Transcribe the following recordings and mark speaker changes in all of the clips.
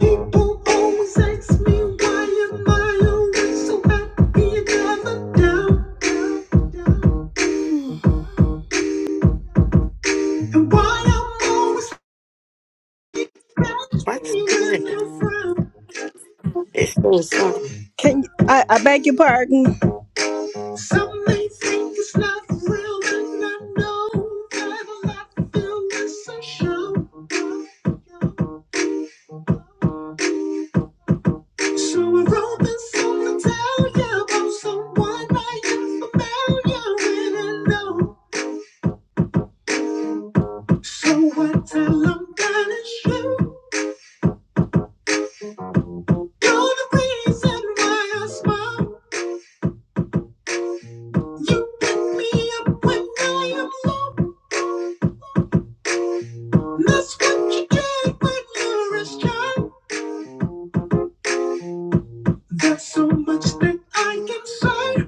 Speaker 1: People always ask me why am I always so happy and never down, down, down. And why I'm always happy with no frown. Can you, I, I beg your pardon? Some may think it's not real, and I know that a lot of feel is a show. So I wrote this song to tell you about someone I am familiar with and know. So what I'm gonna show You're the reason why I smile You pick me up when I am low That's what you did when you were a child There's so much that I can say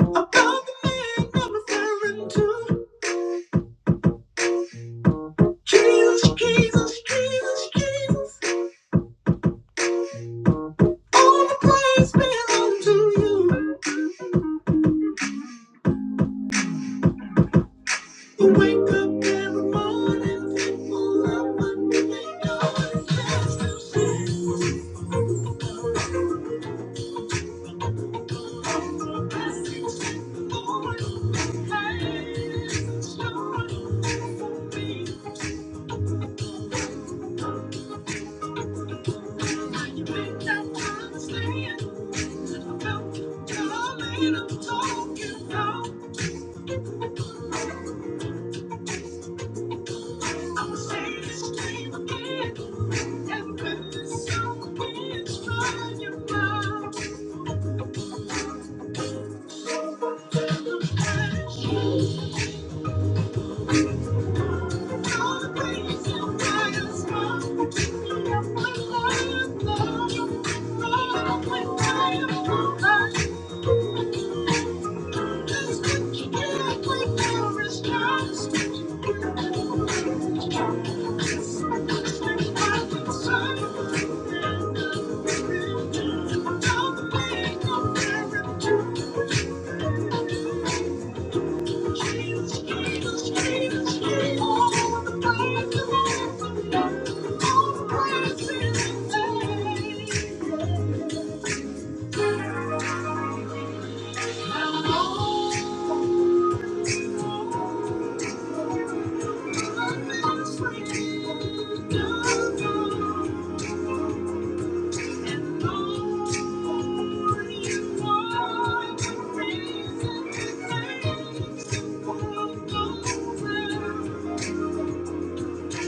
Speaker 1: About the man I'm referring to Jesus, Jesus, Jesus, Jesus All the praise belong to you You wake up every morning thankful of what you know is best to see. Thank you. Thank you. Thank you. Thank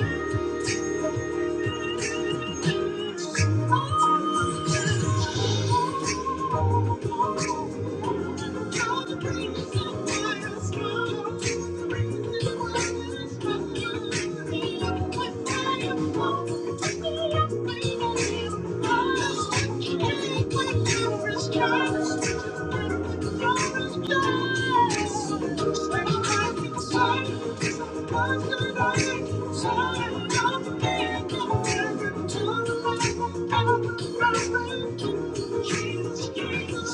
Speaker 1: you. Thank you. I'm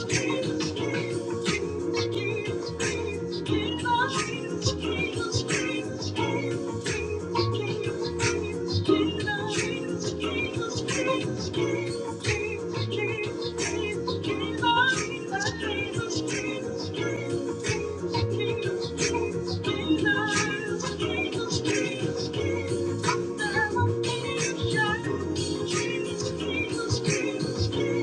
Speaker 1: Jesus, Jesus. Thank you.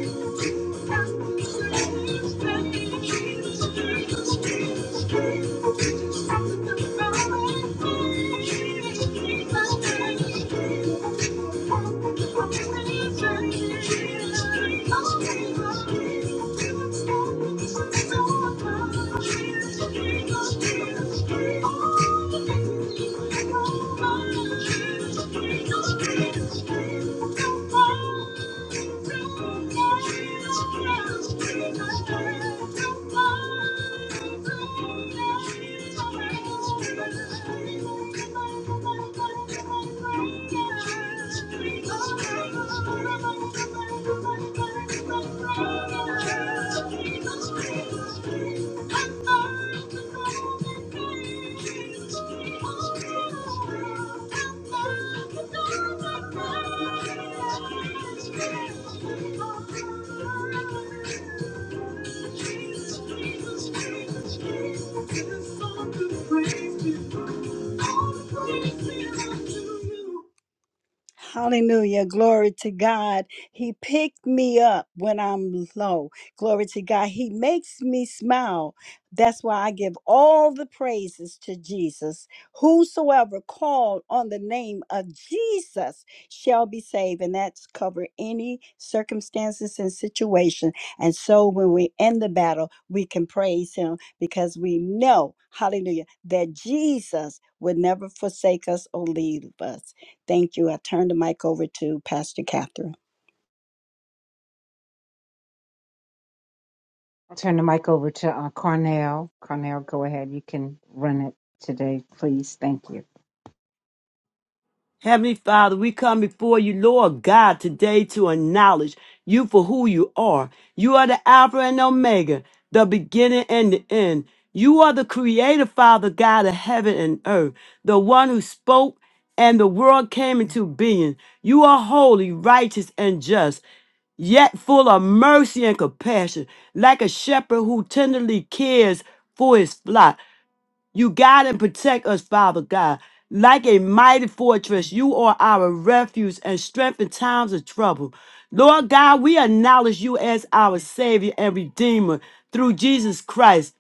Speaker 1: Thank you. Thank you. Praise you. all the praise belongs to you. Hallelujah. Glory to God. He picked me up when I'm low. Glory to God. He makes me smile. That's why I give all the praises to Jesus. Whosoever called on the name of Jesus shall be saved. And that's cover any circumstances and situation. And so when we're in the battle, we can praise him because we know, hallelujah, that Jesus would never forsake us or leave us. Thank you. I turn the mic over to Pastor Catherine.
Speaker 2: I'll turn the mic over to uh, Cornell. Cornell, go ahead. You can run it today, please. Thank you.
Speaker 3: Heavenly Father, we come before you, Lord God, today to acknowledge you for who you are. You are the Alpha and Omega, the beginning and the end. You are the creator, Father God of heaven and earth, the one who spoke and the world came into being. You are holy, righteous, and just yet full of mercy and compassion, like a shepherd who tenderly cares for his flock. You guide and protect us, Father God. Like a mighty fortress, you are our refuge and strength in times of trouble. Lord God, we acknowledge you as our Savior and Redeemer through Jesus Christ.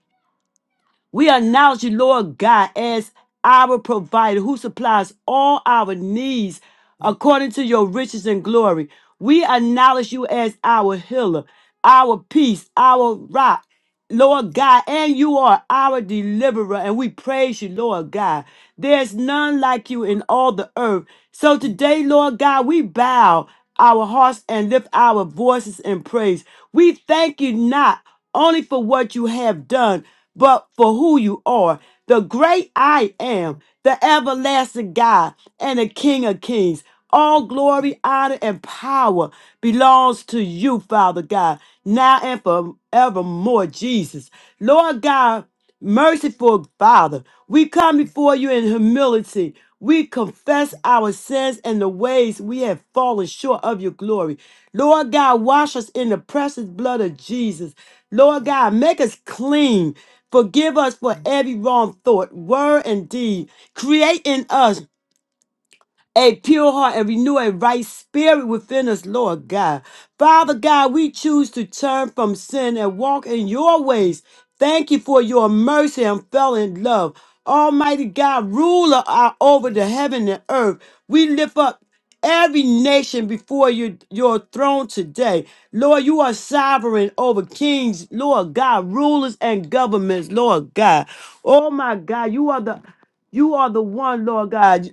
Speaker 3: We acknowledge you, Lord God, as our provider who supplies all our needs according to your riches and glory. We acknowledge you as our healer, our peace, our rock, Lord God, and you are our deliverer, and we praise you, Lord God. There's none like you in all the earth. So today, Lord God, we bow our hearts and lift our voices in praise. We thank you not only for what you have done, but for who you are, the great I am, the everlasting God, and the King of Kings. All glory, honor, and power belongs to you, Father God, now and forevermore, Jesus. Lord God, merciful Father, we come before you in humility. We confess our sins and the ways we have fallen short of your glory. Lord God, wash us in the precious blood of Jesus. Lord God, make us clean. Forgive us for every wrong thought, word, and deed. Create in us a pure heart and renew a right spirit within us, Lord God. Father God, we choose to turn from sin and walk in your ways. Thank you for your mercy and felon love. Almighty God, ruler are over the heaven and earth. We lift up every nation before your, your throne today. Lord, you are sovereign over kings, Lord God, rulers and governments, Lord God. Oh my God, you are the you are the one, Lord God.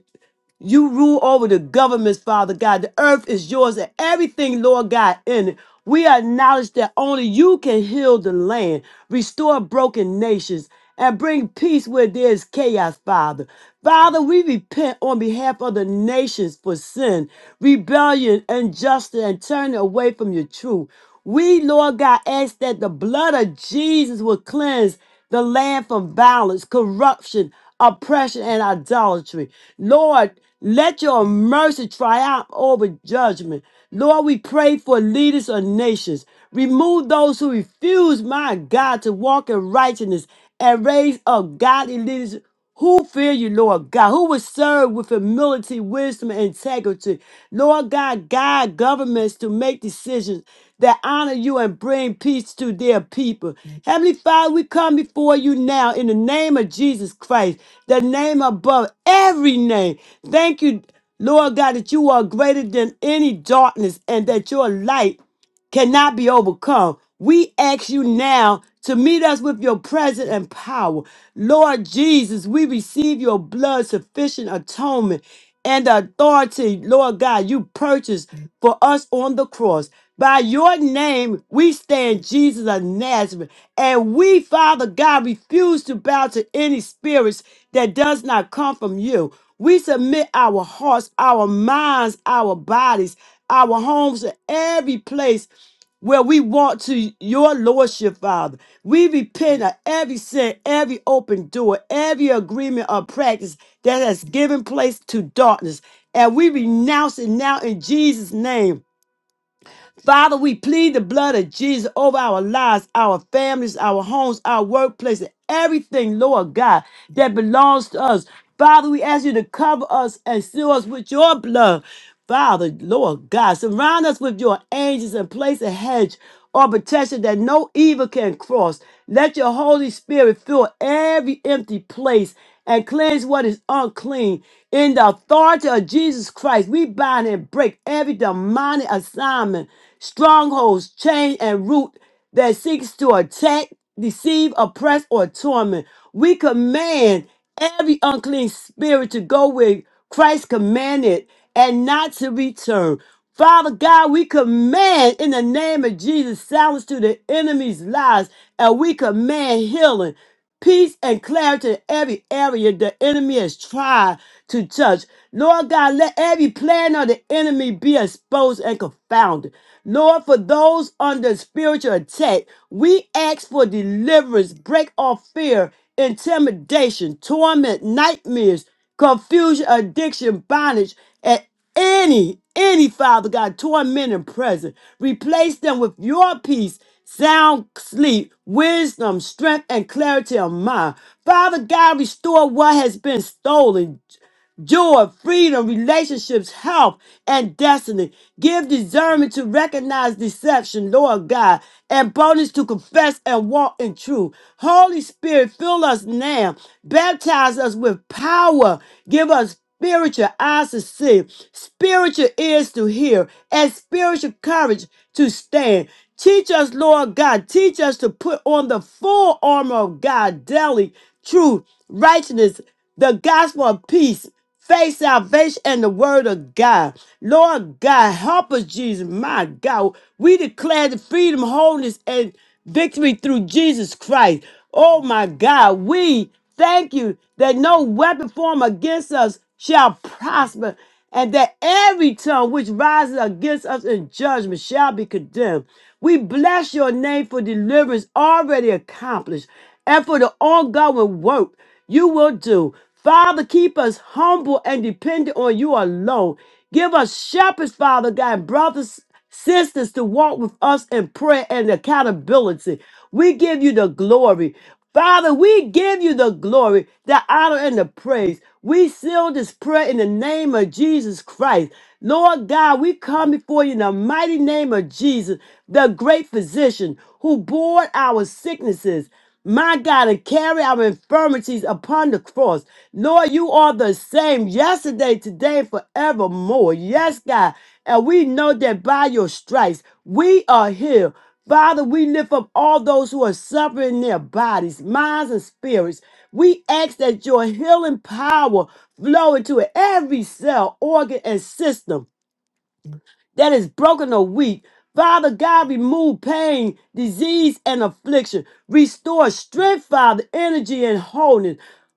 Speaker 3: You rule over the governments, Father God. The earth is yours and everything, Lord God, in it. We acknowledge that only you can heal the land, restore broken nations, and bring peace where there is chaos, Father. Father, we repent on behalf of the nations for sin, rebellion, injustice, and turning away from your truth. We, Lord God, ask that the blood of Jesus will cleanse the land from violence, corruption, oppression, and idolatry. Lord, let your mercy triumph over judgment. Lord, we pray for leaders of nations. Remove those who refuse, my God, to walk in righteousness and raise up godly leaders who fear you, Lord God, who will serve with humility, wisdom, and integrity. Lord God, guide governments to make decisions that honor you and bring peace to their people. Heavenly Father, we come before you now in the name of Jesus Christ, the name above every name. Thank you. Lord God, that you are greater than any darkness and that your light cannot be overcome. We ask you now to meet us with your presence and power. Lord Jesus, we receive your blood sufficient atonement and the authority, Lord God, you purchased for us on the cross. By your name, we stand Jesus of Nazareth. And we, Father God, refuse to bow to any spirits that does not come from you. We submit our hearts, our minds, our bodies, our homes, and every place where we want to your lordship, Father. We repent of every sin, every open door, every agreement or practice that has given place to darkness. And we renounce it now in Jesus' name. Father, we plead the blood of Jesus over our lives, our families, our homes, our workplace, and everything, Lord God, that belongs to us. Father, we ask you to cover us and seal us with your blood. Father, Lord God, surround us with your angels and place a hedge or protection that no evil can cross. Let your Holy Spirit fill every empty place and cleanse what is unclean. In the authority of Jesus Christ, we bind and break every demonic assignment strongholds, chain, and root that seeks to attack, deceive, oppress, or torment. We command every unclean spirit to go where Christ commanded and not to return. Father God, we command in the name of Jesus silence to the enemy's lies, and we command healing peace and clarity in every area the enemy has tried to touch. Lord God, let every plan of the enemy be exposed and confounded. Lord, for those under spiritual attack, we ask for deliverance, break off fear, intimidation, torment, nightmares, confusion, addiction, bondage, and any, any Father God, torment and present. Replace them with your peace sound sleep, wisdom, strength, and clarity of mind. Father God, restore what has been stolen joy, freedom, relationships, health, and destiny. Give discernment to recognize deception, Lord God, and boldness to confess and walk in truth. Holy Spirit, fill us now. Baptize us with power. Give us spiritual eyes to see, spiritual ears to hear, and spiritual courage to stand. Teach us, Lord God, teach us to put on the full armor of God daily, truth, righteousness, the gospel of peace. Faith, salvation, and the word of God. Lord God, help us, Jesus, my God. We declare the freedom, wholeness, and victory through Jesus Christ. Oh my God, we thank you that no weapon formed against us shall prosper and that every tongue which rises against us in judgment shall be condemned. We bless your name for deliverance already accomplished and for the ongoing work you will do. Father, keep us humble and dependent on you alone. Give us shepherds, Father God, brothers sisters to walk with us in prayer and accountability. We give you the glory. Father, we give you the glory, the honor, and the praise. We seal this prayer in the name of Jesus Christ. Lord God, we come before you in the mighty name of Jesus, the great physician who bore our sicknesses my God, and carry our infirmities upon the cross. Lord, you are the same yesterday, today, and forevermore. Yes, God. And we know that by your stripes, we are healed. Father, we lift up all those who are suffering in their bodies, minds, and spirits. We ask that your healing power flow into every cell, organ, and system that is broken or weak. Father God, remove pain, disease, and affliction. Restore strength, Father, energy, and wholeness.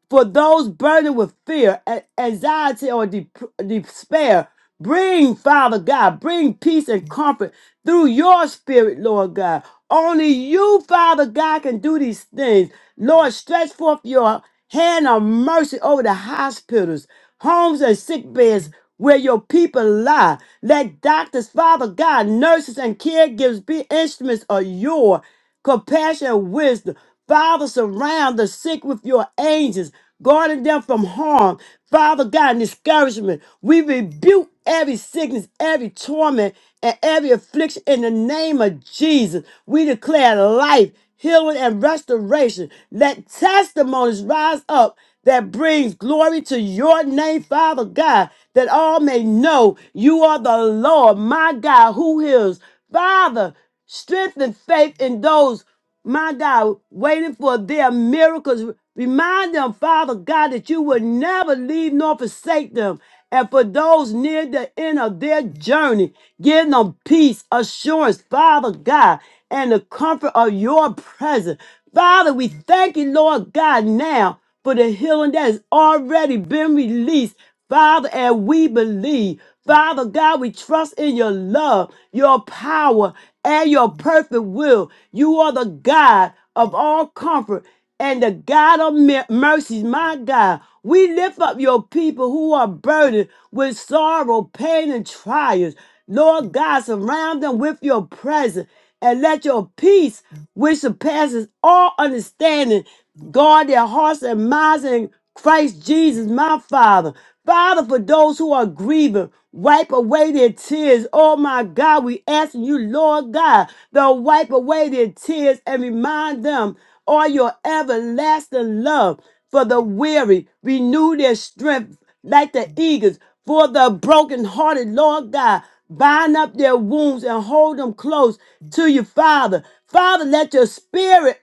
Speaker 3: For those burdened with fear, a- anxiety, or dep- despair, bring, Father God, bring peace and comfort through your spirit, Lord God. Only you, Father God, can do these things. Lord, stretch forth your hand of mercy over the hospitals homes and sick beds where your people lie. Let doctors, Father God, nurses, and caregivers be instruments of your compassion and wisdom. Father, surround the sick with your angels, guarding them from harm. Father God, and discouragement. We rebuke every sickness, every torment, and every affliction in the name of Jesus. We declare life, healing, and restoration. Let testimonies rise up that brings glory to your name, Father God, that all may know you are the Lord, my God, who heals. Father, strengthen faith in those, my God, waiting for their miracles. Remind them, Father God, that you will never leave nor forsake them. And for those near the end of their journey, give them peace, assurance, Father God, and the comfort of your presence. Father, we thank you, Lord God, now for the healing that has already been released, Father, and we believe. Father God, we trust in your love, your power, and your perfect will. You are the God of all comfort and the God of mer- mercies, my God. We lift up your people who are burdened with sorrow, pain, and trials. Lord God, surround them with your presence and let your peace, which surpasses all understanding, guard their hearts and minds in Christ Jesus, my Father. Father, for those who are grieving, wipe away their tears. Oh my God, we ask you, Lord God, to wipe away their tears and remind them of your everlasting love for the weary. Renew their strength like the eagles for the brokenhearted, Lord God. Bind up their wounds and hold them close to you, Father. Father, let your spirit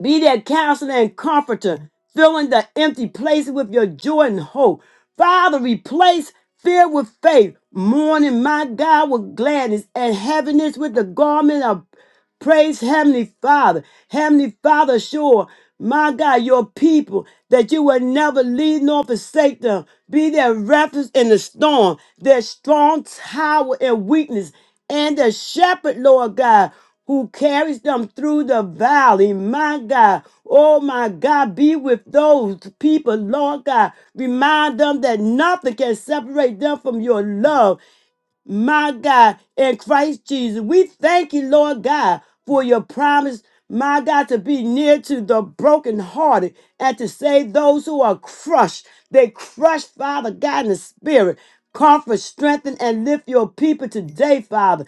Speaker 3: be their counselor and comforter, filling the empty places with your joy and hope. Father, replace fear with faith, mourning, my God, with gladness, and heaviness with the garment of praise, Heavenly Father. Heavenly Father, sure, my God, your people, that you will never leave nor forsake them. Be their refuge in the storm, their strong tower in weakness, and the shepherd, Lord God, who carries them through the valley, my God. Oh, my God, be with those people, Lord God. Remind them that nothing can separate them from your love my God, in Christ Jesus. We thank you, Lord God, for your promise, my God, to be near to the brokenhearted and to save those who are crushed. They crushed, Father God, in the spirit. Comfort, strengthen, and lift your people today, Father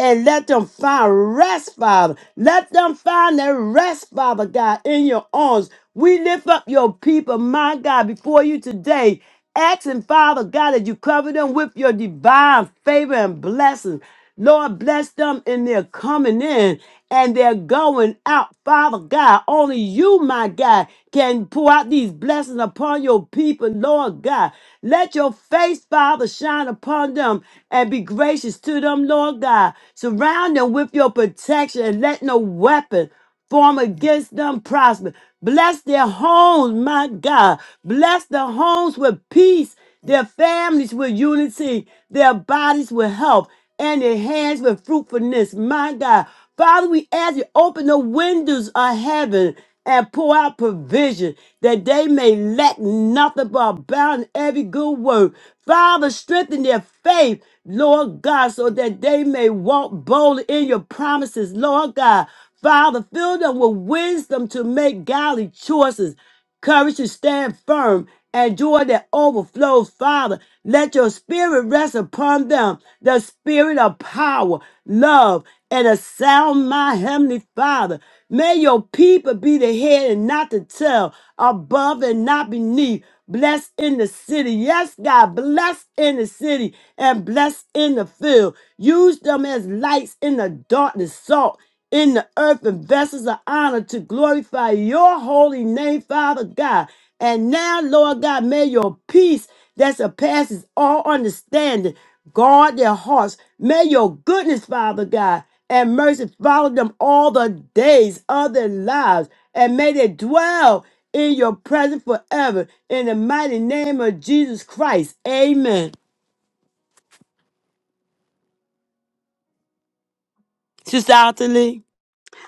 Speaker 3: and let them find rest, Father. Let them find their rest, Father God, in your arms. We lift up your people, my God, before you today Asking, Father God, that you cover them with your divine favor and blessings. Lord, bless them in their coming in and their going out. Father God, only you, my God, can pour out these blessings upon your people, Lord God. Let your face, Father, shine upon them and be gracious to them, Lord God. Surround them with your protection and let no weapon form against them prosper. Bless their homes, my God. Bless their homes with peace, their families with unity, their bodies with health, and their hands with fruitfulness, my God. Father, we ask you open the windows of heaven and pour out provision that they may lack nothing but abound in every good work. Father, strengthen their faith, Lord God, so that they may walk boldly in your promises, Lord God. Father, fill them with wisdom to make godly choices, courage to stand firm, and joy that overflows, Father. Let your spirit rest upon them, the spirit of power, love, and a sound mind, Heavenly Father. May your people be the head and not the tail, above and not beneath. Bless in the city. Yes, God, bless in the city and bless in the field. Use them as lights in the darkness, salt in the earth and vessels of honor to glorify your holy name, Father God. And now, Lord God, may your peace that surpasses all understanding guard their hearts. May your goodness, Father God, and mercy follow them all the days of their lives. And may they dwell in your presence forever. In the mighty name of Jesus Christ. Amen. Sister Alton Lee.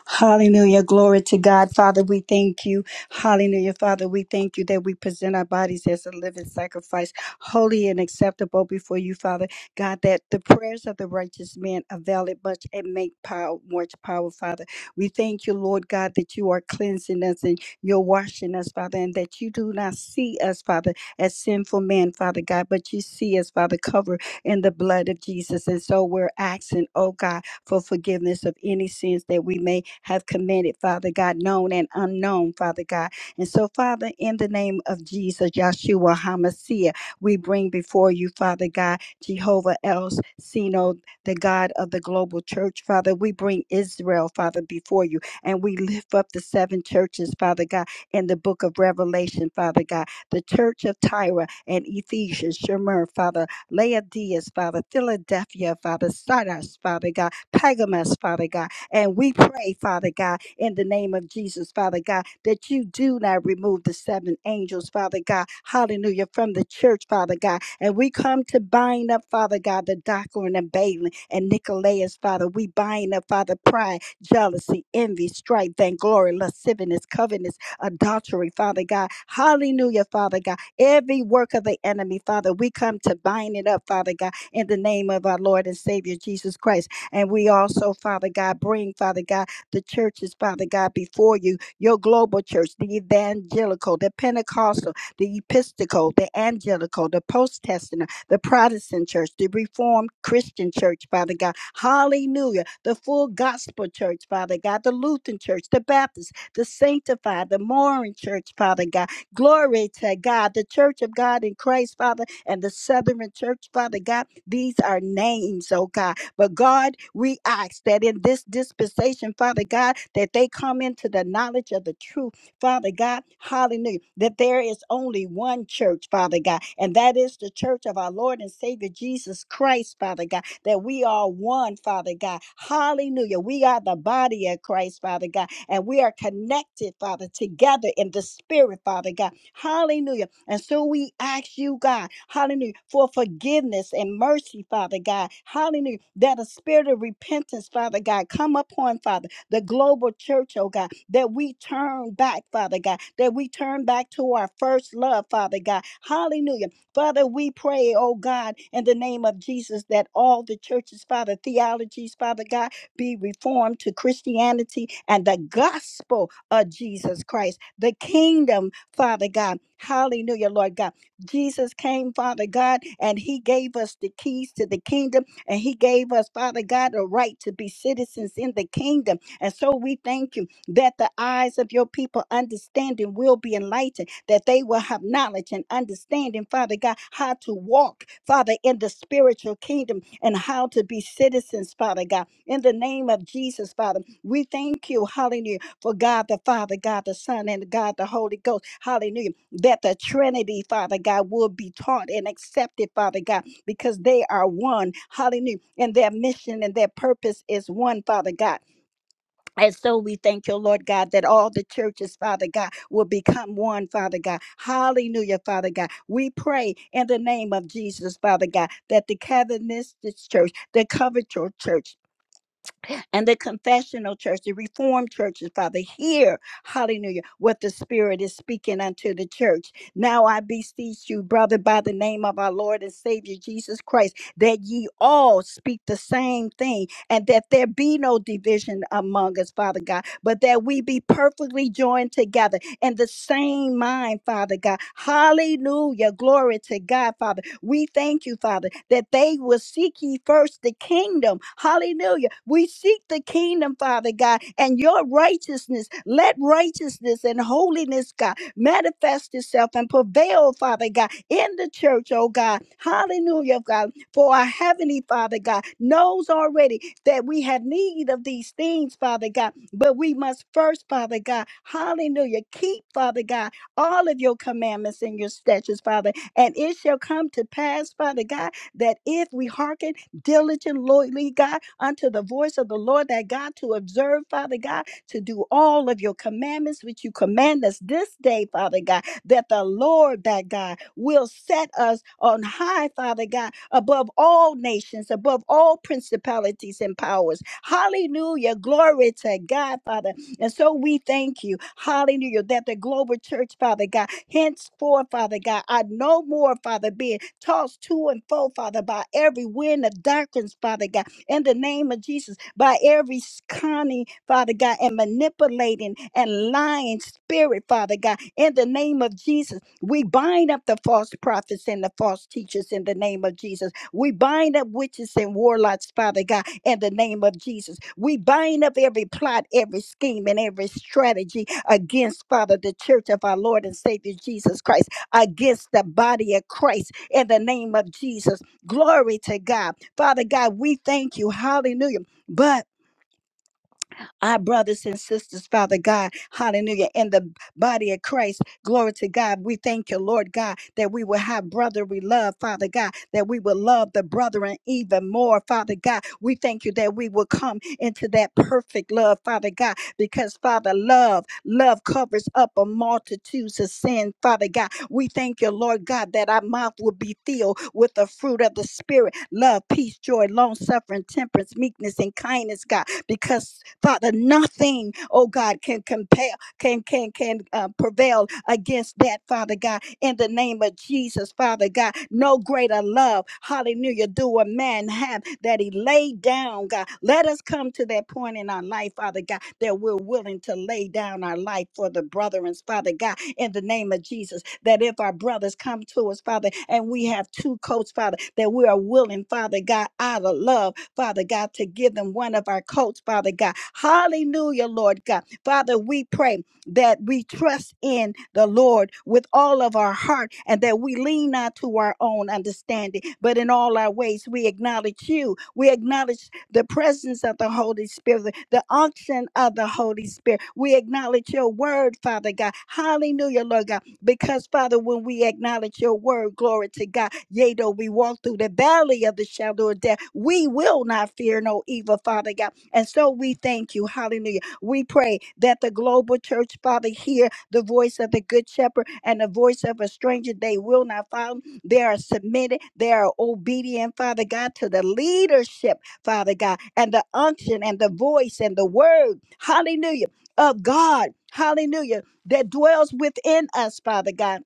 Speaker 1: Hallelujah. Glory to God. Father, we thank you. Hallelujah. Father, we thank you that we present our bodies as a living sacrifice, holy and acceptable before you, Father. God, that the prayers of the righteous man avail it much and make power, much power, Father. We thank you, Lord God, that you are cleansing us and you're washing us, Father, and that you do not see us, Father, as sinful men, Father God, but you see us, Father, covered in the blood of Jesus. And so we're asking, oh God for forgiveness of any sins that we may have committed, Father God, known and unknown, Father God. And so, Father, in the name of Jesus, Yahshua HaMashiach, we bring before you, Father God, Jehovah El Sino, the God of the global church, Father. We bring Israel, Father, before you, and we lift up the seven churches, Father God, in the book of Revelation, Father God, the church of Tyre and Ephesus, Shemer, Father, Laodiceas, Father, Philadelphia, Father, Sardis, Father God. Pergamus, Father God. And we pray, Father God, in the name of Jesus, Father God, that you do not remove the seven angels, Father God. Hallelujah. From the church, Father God. And we come to bind up, Father God, the Doctrine and Balaam and Nicolaus, Father. We bind up, Father, pride, jealousy, envy, strife, vainglory, lasciviousness, covetousness, adultery, Father God. Hallelujah, Father God. Every work of the enemy, Father, we come to bind it up, Father God, in the name of our Lord and Savior Jesus Christ. And we also, Father God, bring, Father God, the churches, Father God, before you, your global church, the evangelical, the Pentecostal, the Episcopal, the Angelical, the Post Testament, the Protestant church, the Reformed Christian church, Father God. Hallelujah. The full gospel church, Father God, the Lutheran church, the Baptist, the sanctified, the Moran church, Father God. Glory to God, the church of God in Christ, Father, and the Southern church, Father God. These are names, oh God. But God, we ask that in this dispensation, Father God, that they come into the knowledge of the truth, Father God, hallelujah, that there is only one church, Father God, and that is the church of our Lord and Savior Jesus Christ, Father God, that we are one, Father God, hallelujah. We are the body of Christ, Father God, and we are connected, Father, together in the spirit, Father God, hallelujah and so we ask you, God, hallelujah, for forgiveness and mercy, Father God. Hallelujah, that a spirit of repentance, Father God, come upon, Father, the global church, oh God, that we turn back, Father God, that we turn back to our first love, Father God. Hallelujah. Father, we pray, oh God, in the name of Jesus, that all the churches, Father, theologies, Father God, be reformed to Christianity and the gospel of Jesus Christ, the kingdom Father God. Hallelujah, Lord God. Jesus came, Father God, and He gave us the keys to the kingdom, and He gave us, Father God, a right to be citizens in the kingdom. And so we thank you that the eyes of your people understanding will be enlightened, that they will have knowledge and understanding, Father God, how to walk, Father, in the spiritual kingdom and how to be citizens, Father God. In the name of Jesus, Father, we thank you, hallelujah for God the Father, God the Son, and God the Holy Ghost. Hallelujah. That the Trinity, Father God, will be taught and accepted, Father God, because they are one. Hallelujah. And their mission and their purpose is one, Father God. And so we thank you, Lord God, that all the churches, Father God, will become one, Father God. Hallelujah, Father God. We pray in the name of Jesus, Father God, that the Calvinist church, the covenantal church, and the confessional church, the reformed churches, Father, hear, hallelujah, what the Spirit is speaking unto the church. Now I beseech you, brother, by the name of our Lord and Savior Jesus Christ, that ye all speak the same thing and that there be no division among us, Father God, but that we be perfectly joined together in the same mind, Father God. Hallelujah. Glory to God, Father we thank you, Father, that they will seek ye first the kingdom. Hallelujah. We seek the kingdom, Father God, and your righteousness. Let righteousness and holiness, God, manifest itself and prevail, Father God, in the church, oh God. Hallelujah, God. For our heavenly Father God knows already that we have need of these things, Father God. But we must first, Father God, hallelujah, keep, Father God, all of your commandments and your statutes, Father and it shall come to pass, Father God, that if we hearken diligent, loyally, God, unto the voice of the Lord, that God to observe, Father God, to do all of your commandments which you command us this day, Father God, that the Lord, that God, will set us on high, Father God, above all nations, above all principalities and powers. Hallelujah. Glory to God, Father. And so we thank you, hallelujah, that the global church, Father God, Henceforth, Father God, I no more, Father, being tossed to and fro, Father, by every wind of doctrines, Father God, in the name of Jesus, by every s- cunning, Father God, and manipulating and lying spirit, Father God, in the name of Jesus. We bind up the false prophets and the false teachers in the name of Jesus. We bind up witches and warlocks, Father God, in the name of Jesus. We bind up every plot, every scheme, and every strategy against, Father, the church of our Lord and Savior Jesus Christ, against the body of Christ in the name of Jesus. Glory to God. Father God, we thank you. Hallelujah. But our brothers and sisters, Father God, hallelujah, in the body of Christ. Glory to God. We thank you, Lord God, that we will have brotherly love, Father God, that we will love the brethren even more, Father God. We thank you that we will come into that perfect love, Father God, because Father, love, love covers up a multitudes of sin, Father God. We thank you, Lord God, that our mouth will be filled with the fruit of the Spirit love, peace, joy, long suffering, temperance, meekness, and kindness, God. Because Father, nothing, oh God, can compare, can can can uh, prevail against that, Father God. In the name of Jesus, Father God, no greater love, Hallelujah, do a man have that he laid down, God. Let us come to that point in our life, Father God, that we're willing to lay down our life for the brethren, Father God in the name of Jesus. That if our brothers come to us, Father, and we have two coats, Father, that we are willing, Father God, out of love, Father God, to give them one of our coats, Father God. Hallelujah, Lord God. Father, we pray that we trust in the Lord with all of our heart and that we lean not to our own understanding, but in all our ways we acknowledge you. We acknowledge the presence of the Holy Spirit, the unction of the Holy Spirit. We acknowledge your word, Father God. Hallelujah, Lord God. Because, Father, when we acknowledge your word, glory to God, yea, though we walk through the valley of the shadow of death, we will not fear no evil, Father God. And so we thank you. Hallelujah. We pray that the global church, Father, hear the voice of the good shepherd and the voice of a stranger they will not follow. They are submitted, they are obedient, Father God, to the leadership. Father God, and the unction and the voice and the word, hallelujah, of God, hallelujah, that dwells within us, Father God.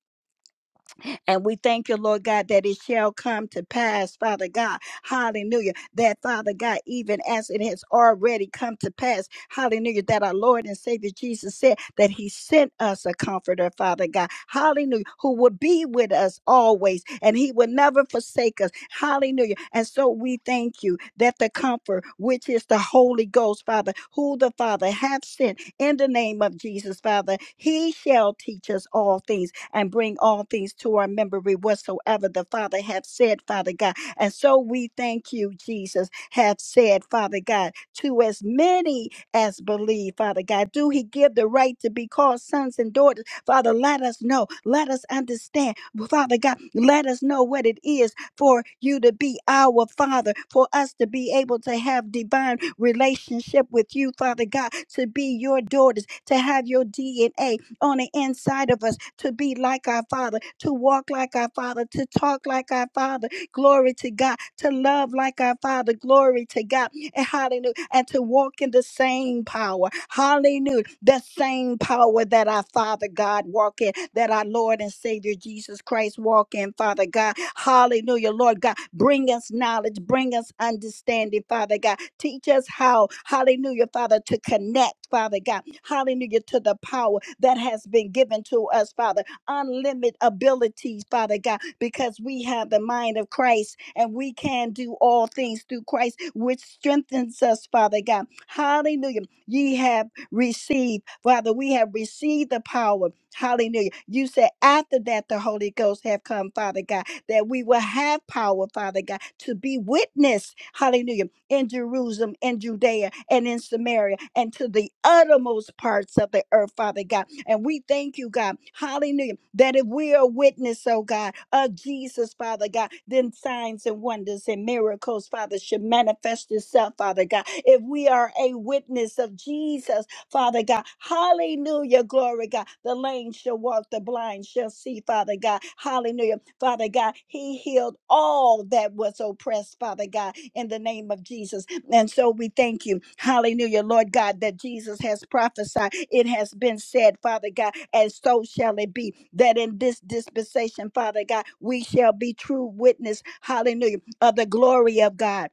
Speaker 1: And we thank you, Lord God, that it shall come to pass, Father God. Hallelujah. That, Father God, even as it has already come to pass, hallelujah, that our Lord and Savior Jesus said that He sent us a comforter, Father God. Hallelujah. Who will be with us always and He will never forsake us. Hallelujah. And so we thank you that the comfort, which is the Holy Ghost, Father, who the Father hath sent in the name of Jesus, Father, He shall teach us all things and bring all things to our memory whatsoever the Father hath said, Father God. And so we thank you, Jesus, hath said, Father God, to as many as believe, Father God. Do he give the right to be called sons and daughters? Father, let us know. Let us understand. Father God, let us know what it is for you to be our Father, for us to be able to have divine relationship with you, Father God, to be your daughters, to have your DNA, on the inside of us to be like our Father, to walk like our Father, to talk like our Father. Glory to God. To love like our Father. Glory to God and Hallelujah. And to walk in the same power. Hallelujah. The same power that our Father God walk in, that our Lord and Savior Jesus Christ walk in, Father God. Hallelujah. Lord God, bring us knowledge, bring us understanding, Father God. Teach us how, hallelujah, Father, to connect, Father God. Hallelujah, to the power that has been given to us, Father unlimited abilities, Father God, because we have the mind of Christ and we can do all things through Christ, which strengthens us, Father God. Hallelujah. Ye have received, Father, we have received the power. Hallelujah. You said after that the Holy Ghost have come, Father God, that we will have power, Father God, to be witness. Hallelujah in Jerusalem and Judea and in Samaria and to the uttermost parts of the earth, Father God. And we thank you, God, hallelujah, that if we are witness, oh God, of Jesus, Father God, then signs and wonders and miracles, Father, should manifest itself, Father God. If we are a witness of Jesus, Father God. Hallelujah. Glory, God. The lame shall walk, the blind shall see, Father God. Hallelujah. Father God, He healed all that was oppressed, Father God in the name of Jesus. And so we thank you, hallelujah, Lord God, that Jesus has prophesied. It has been said, Father God, and so shall it be, that in this dispensation, Father God, we shall be true witness, hallelujah, of the glory of God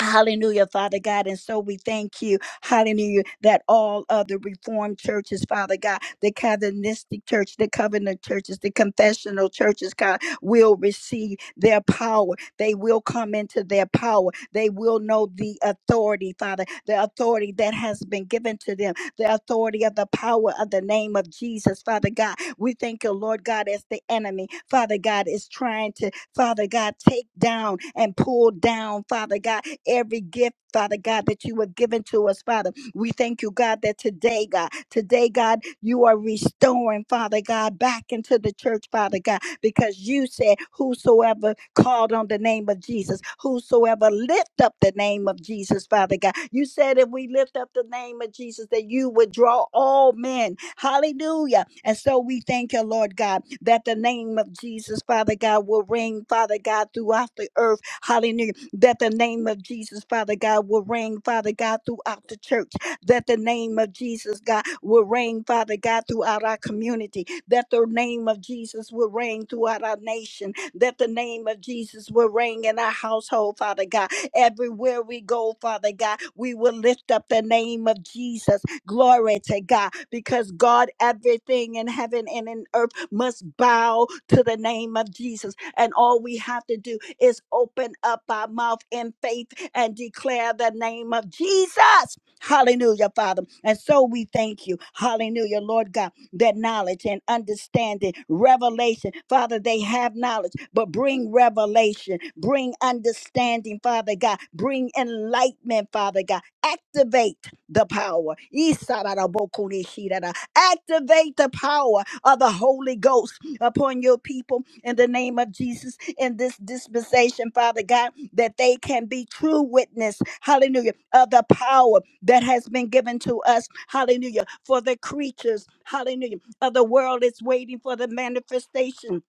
Speaker 1: Hallelujah, Father God. And so we thank you, hallelujah, that all other reformed churches, Father God, the Calvinistic church, the covenant churches, the confessional churches, God, will receive their power. They will come into their power. They will know the authority, Father, the authority that has been given to them, the authority of the power of the name of Jesus, Father God. We thank you, Lord God, as the enemy, Father God, is trying to Father God, take down and pull down, Father God, every gift, Father God, that you have given to us, Father. We thank you, God, that today, God, today, God, you are restoring, Father God, back into the church, Father God, because you said, Whosoever called on the name of Jesus, whosoever lift up the name of Jesus, Father God, you said if we lift up the name of Jesus, that you would draw all men. Hallelujah. And so we thank you, Lord God, that the name of Jesus, Father God, will ring, Father God, throughout the earth. Hallelujah. That the name of Jesus, Father God, will ring, Father God, throughout the church that the name of Jesus, God, will reign, Father God, throughout our community, that the name of Jesus will reign throughout our nation, that the name of Jesus will reign in our household, Father God. Everywhere we go, Father God, we will lift up the name of Jesus. Glory to God, because God, everything in heaven and in earth must bow to the name of Jesus. And all we have to do is open up our mouth in faith and declare the name of Jesus. Hallelujah, Father. And so we thank you. Hallelujah, Lord God, that knowledge and understanding, revelation, Father, they have knowledge, but bring revelation, bring understanding, Father God, bring enlightenment, Father God. Activate the power. Isararabokunishirara. Activate the power of the Holy Ghost upon your people in the name of Jesus in this dispensation, Father God, that they can be true witness, hallelujah, of the power that has been given to us. Hallelujah. For the creatures, hallelujah, of the world is waiting for the manifestation.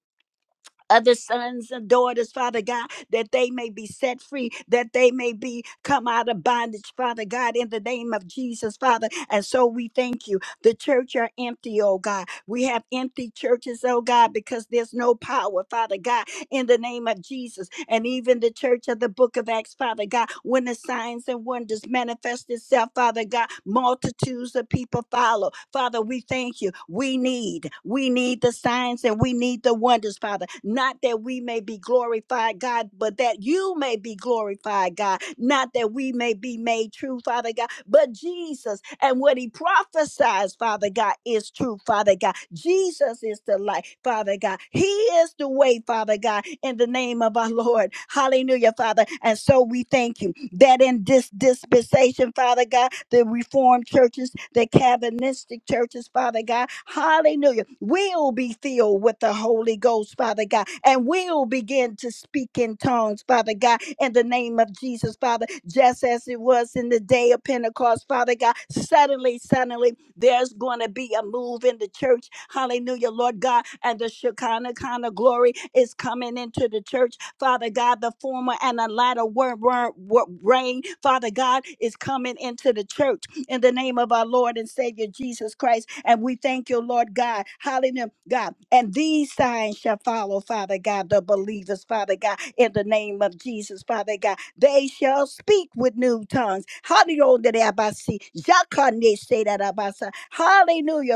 Speaker 1: Of the sons and daughters, Father God, that they may be set free, that they may be come out of bondage, Father God, in the name of Jesus, Father. And so we thank you. The church are empty, oh God. We have empty churches, oh God, because there's no power, Father God in the name of Jesus. And even the church of the book of Acts, Father God, when the signs and wonders manifest itself, Father God, multitudes of people follow. Father, we thank you. We need, we need the signs and we need the wonders, Father. Not that we may be glorified, God, but that you may be glorified, God. Not that we may be made made true, Father God. But Jesus and what he prophesies, Father God, is true, Father God. Jesus is the light, Father God. He is the way, Father God, in the name of our Lord. Hallelujah, Father. And so we thank you that in this dispensation, Father God, the Reformed churches, the Calvinistic churches, Father God. Hallelujah. We'll be filled with the Holy Ghost, Father God, and we'll begin to speak in tongues, Father God, in the name of Jesus, Father, just as it was in the day of Pentecost, Father God. Suddenly, suddenly, there's going to be a move in the church. Hallelujah, Lord God. And the Shekinah kind of glory is coming into the church. Father God, the former and the latter word, word, word rain, Father God, is coming into the church in the name of our Lord and Savior Jesus Christ. And we thank you, Lord God. Hallelujah, God. And these signs shall follow, Father God, the believers, Father God, in the name of Jesus, Father God. They shall speak with new tongues. Hallelujah,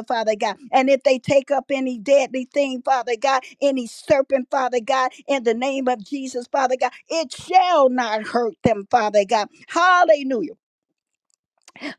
Speaker 1: Father God. And if they take up any deadly thing, Father God, any serpent, Father God, in the name of Jesus, Father God, it shall not hurt them, Father God. Hallelujah.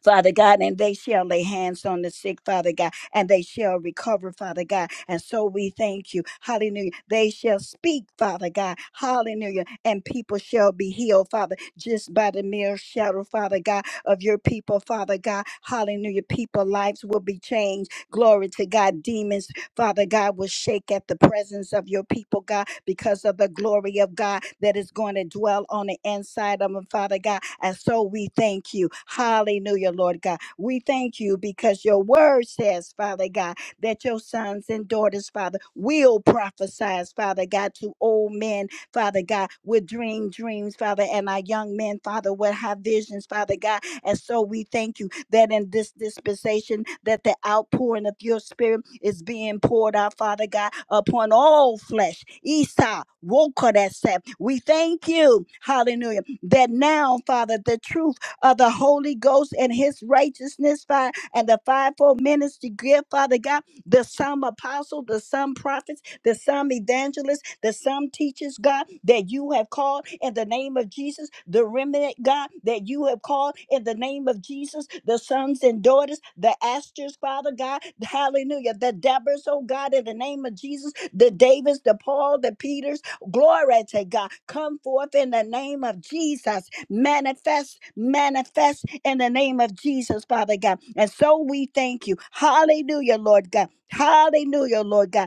Speaker 1: Father God, and they shall lay hands on the sick, Father God, and they shall recover, Father God. And so we thank you. Hallelujah. They shall speak, Father God. Hallelujah. And people shall be healed, Father, just by the mere shadow, Father God, of your people, Father God. Hallelujah. People lives will be changed. Glory to God. Demons Father God, will shake at the presence of your people, God, because of the glory of God that is going to dwell on the inside of them, Father God. And so we thank you. Hallelujah, Lord God. We thank you because your word says, Father God, that your sons and daughters, Father, will prophesy, Father God, to old men, Father God, would dream dreams, Father, and our young men, Father, would have visions, Father God. And so we thank you that in this dispensation that the outpouring of your spirit is being poured out, Father God, upon all flesh. Esau, Wokodeset. We thank you, hallelujah, that now, Father, the truth of the Holy Ghost and his righteousness, Father, and the fivefold ministry gift, Father God, the some apostle, the some prophets there's some evangelists, there's some teachers, God, that you have called in the name of Jesus, the remnant, God, that you have called in the name of Jesus, the sons and daughters, the asters, Father God, hallelujah, the Debras, oh God, in the name of Jesus, the Davids, the Paul, the Peters, glory to God, come forth in the name of Jesus, manifest, manifest in the name of Jesus, Father God. And so we thank you, hallelujah, Lord God, hallelujah, Lord God.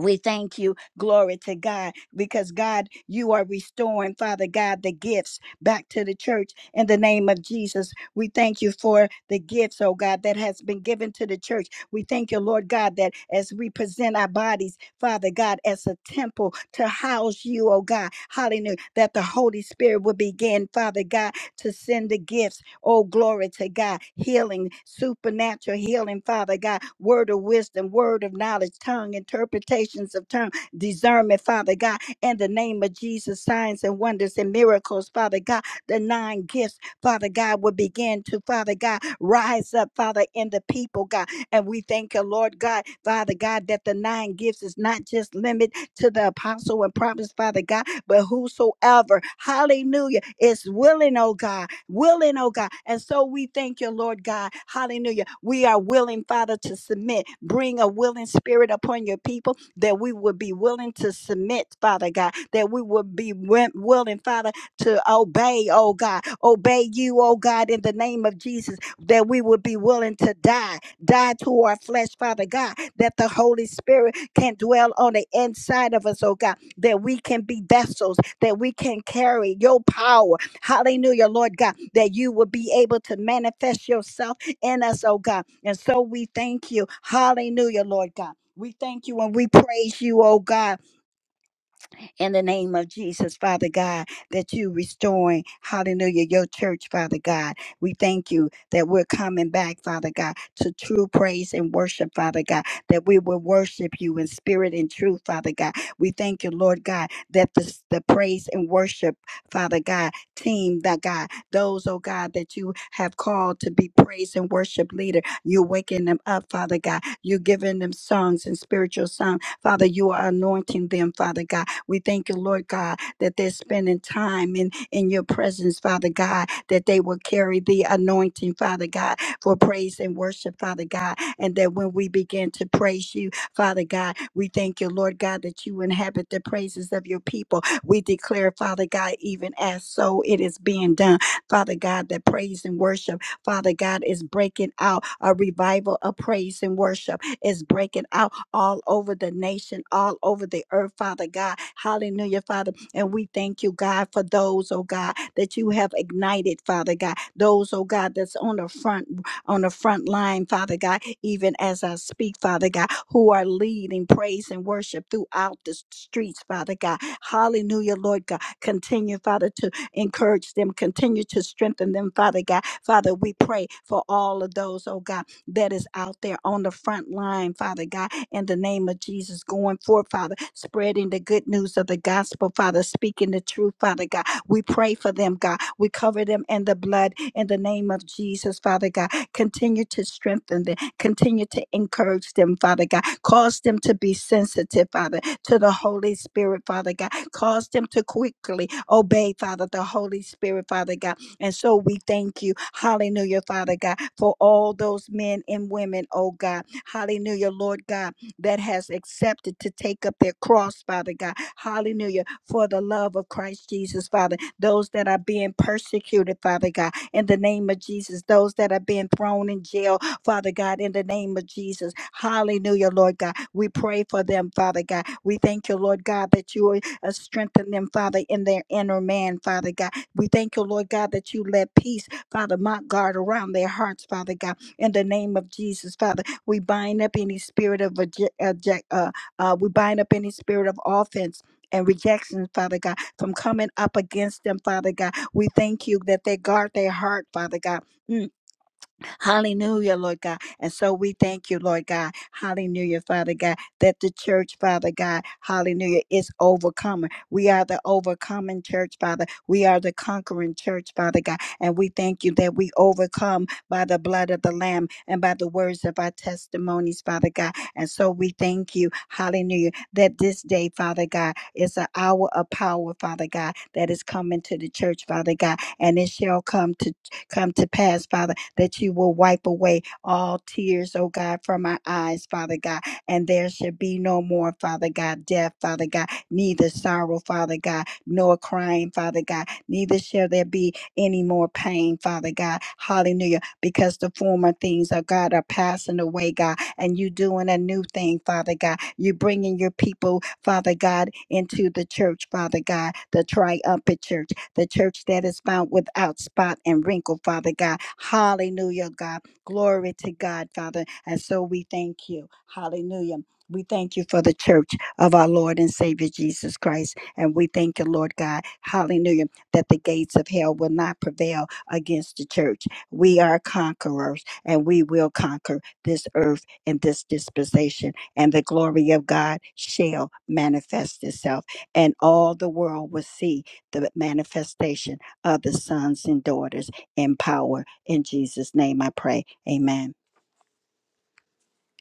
Speaker 1: We thank you, glory to God, because God, you are restoring, Father God, the gifts back to the church in the name of Jesus. We thank you for the gifts, oh God, that has been given to the church. We thank you, Lord God, that as we present our bodies, Father God, as a temple to house you, oh God, hallelujah, that the Holy Spirit will begin, Father God, to send the gifts. Oh, glory to God. Healing, supernatural healing, Father God. Word of wisdom, word of knowledge, tongue, interpretations of tongue, discernment, Father God. In the name of Jesus, signs and wonders and miracles, Father God. The nine gifts, Father God, will begin to, Father God, rise up, Father, in the people, God. And we thank you, Lord God, Father God, that the nine gifts is not just limited right to the apostle and prophets, Father God, but whosoever, hallelujah, is willing, oh God, willing, oh God. And so we thank you, Lord God, hallelujah. We are willing, Father, to submit. Bring a willing spirit upon your people that we would be willing to submit, Father God, that we would be wi- willing, Father, to obey, oh God, obey you, oh God, in the name of Jesus, that we would be willing to die, die to our flesh, Father God, that the Holy Spirit can dwell on the inside of us, oh God, that we can be vessels, that we can carry your power. Hallelujah, Lord God, that you will be able to manifest yourself in us, oh God. And so we thank you. Hallelujah, Lord God. We thank you and we praise you, oh God in the name of Jesus, Father God, that you restoring, hallelujah, your church, Father God. We thank you that we're coming back, Father God, to true praise and worship, Father God, that we will worship you in spirit and truth, Father God. We thank you, Lord God, that the, the praise and worship, Father God, team, that God, those, oh God, that you have called to be praise and worship leader, you're waking them up, Father God. You're giving them songs and spiritual song. Father, you are anointing them, Father God we thank you, Lord God, that they're spending time in, in your presence, Father God, that they will carry the anointing, Father God, for praise and worship, Father God. And that when we begin to praise you, Father God, we thank you, Lord God, that you inhabit the praises of your people. We declare, Father God, even as so it is being done, Father God, that praise and worship, Father God, is breaking out a revival of praise and worship, is breaking out all over the nation, all over the earth, Father God. Hallelujah, Father. And we thank you, God, for those, oh God, that you have ignited, Father God. Those, oh God, that's on the front on the front line, Father God, even as I speak, Father God, who are leading praise and worship throughout the s- streets, Father God. Hallelujah, Lord God. Continue, Father, to encourage them, continue to strengthen them, Father God. Father, we pray for all of those, oh God that is out there on the front line, Father God, in the name of Jesus, going forth, Father, spreading the good news of the gospel, Father, speaking the truth, Father God. We pray for them, God. We cover them in the blood in the name of Jesus, Father God. Continue to strengthen them, continue to encourage them, Father God. Cause them to be sensitive, Father, to the Holy Spirit, Father God. Cause them to quickly obey, Father, the Holy Spirit, Father God and so we thank you, hallelujah, Father God, for all those men and women, oh God, hallelujah, Lord God, that has accepted to take up their cross, Father God, hallelujah, for the love of Christ Jesus, Father, those that are being persecuted, Father God, in the name of Jesus, those that are being thrown in jail, Father God, in the name of Jesus, hallelujah, Lord God, we pray for them, Father God, we thank you, Lord God, that you will uh, strengthen them, Father, in their inner man, Father God, we thank you, Lord God, that you let peace, Father, mount guard around their hearts, Father God. In the name of Jesus, Father, we bind up any spirit of reje- uh, je- uh, uh, we bind up any spirit of offense. And rejection, Father God, from coming up against them, Father God. We thank you that they guard their heart, Father God. Mm. Hallelujah, Lord God. And so we thank you, Lord God. Hallelujah, Father God, that the church, Father God, hallelujah, is overcoming. We are the overcoming church, Father. We are the conquering church, Father God. And we thank you that we overcome by the blood of the Lamb and by the words of our testimonies, Father God. And so we thank you, hallelujah, that this day, Father God, is an hour of power, Father God, that is coming to the church, Father God, and it shall come to come to pass, Father, that you will wipe away all tears, oh God, from our eyes, Father God. And there should be no more, Father God, death, Father God, neither sorrow, Father God, nor crying, Father God, neither shall there be any more pain, Father God. Hallelujah. Because the former things, oh God, are passing away, God and you doing a new thing, Father God. You bringing your people, Father God, into the church, Father God, the triumphant church, the church that is found without spot and wrinkle, Father God. Hallelujah, God. Glory to God, Father. And so we thank you. Hallelujah. We thank you for the church of our Lord and Savior Jesus Christ. And we thank you, Lord God, hallelujah, that the gates of hell will not prevail against the church. We are conquerors and we will conquer this earth in this dispensation, and the glory of God shall manifest itself, and all the world will see the manifestation of the sons and daughters in power. In Jesus' name I pray. Amen.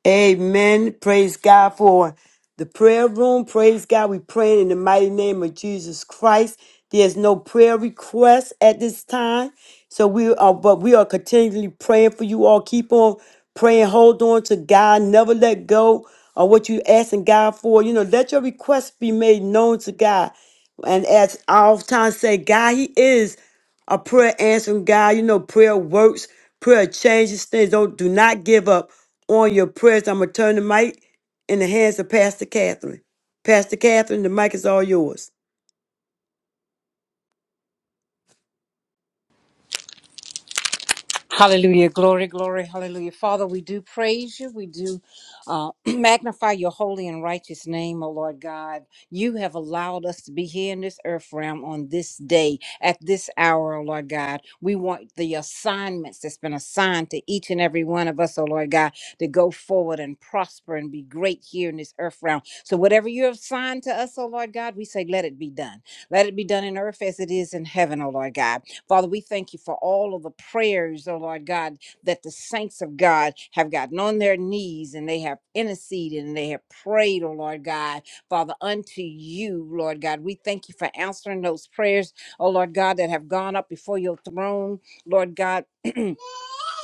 Speaker 3: Amen. Praise God for the prayer room. Praise God. We pray in the mighty name of Jesus Christ. There's no prayer request at this time. So we are, but we are continually praying for you all. Keep on praying. Hold on to God. Never let go of what you're asking God for. You know, let your requests be made known to God. And as I oftentimes say, God, He is a prayer answering God. You know, prayer works, prayer changes things. Don't do not give up on your prayers. I'm gonna turn the mic in the hands of Pastor Catherine. Pastor Catherine, the mic is all yours.
Speaker 4: Hallelujah. Glory, glory, hallelujah. Father, we do praise you. We do uh, magnify your holy and righteous name, O Lord God. You have allowed us to be here in this earth realm on this day, at this hour, O Lord God. We want the assignments that's been assigned to each and every one of us, O Lord God, to go forward and prosper and be great here in this earth realm. So, whatever you have assigned to us, O Lord God, we say, let it be done. Let it be done in earth as it is in heaven, O Lord God. Father, we thank you for all of the prayers, oh Lord God, that the saints of God have gotten on their knees and they have interceded and they have prayed, oh Lord God, Father, unto you, Lord God. We thank you for answering those prayers, oh Lord God, that have gone up before your throne, Lord God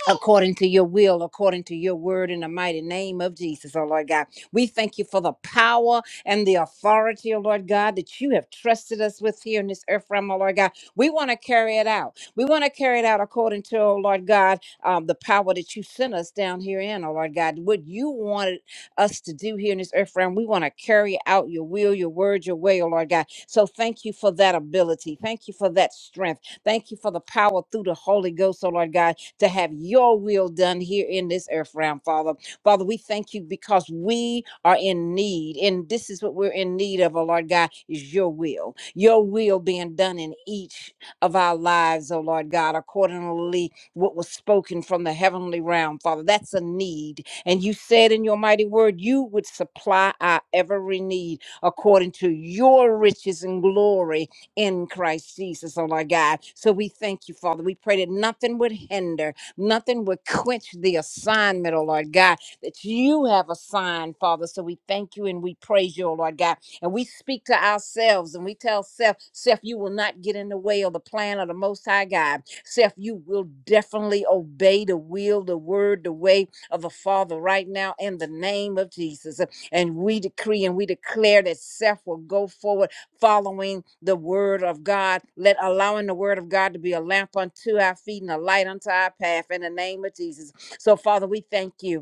Speaker 4: according to your will, according to your word, in the mighty name of Jesus, oh Lord God. We thank you for the power and the authority, oh Lord God, that you have trusted us with here in this earth realm, oh Lord God. We want to carry it out. We want to carry it out according to, oh Lord God, um, the power that you sent us down here in, oh Lord God. What you wanted us to do here in this earth realm, we want to carry out your will, your word, your way, oh Lord God. So thank you for that ability. Thank you for that strength. Thank you for the power through the Holy Ghost, oh Lord God to have your will done here in this earth realm, Father. Father, we thank you because we are in need, and this is what we're in need of, oh Lord God, is your will. Your will being done in each of our lives, oh Lord God, accordingly what was spoken from the heavenly realm, Father. That's a need. And you said in your mighty word, you would supply our every need according to your riches and glory in Christ Jesus, oh my God. So we thank you, Father. We pray that nothing would hinder, nothing would quench the assignment, oh Lord God, that you have assigned, Father. So we thank you and we praise you, oh Lord God. And we speak to ourselves and we tell self, self, you will not get in the way of the plan of the Most High God. Self, you will definitely obey the will, the word, the way of the Father right now in the name of Jesus. And we decree and we declare that self will go forward following the word of God. Let allowing the word of God to be a lamp unto our feet and a light unto our path in the name of Jesus. So, Father, we thank you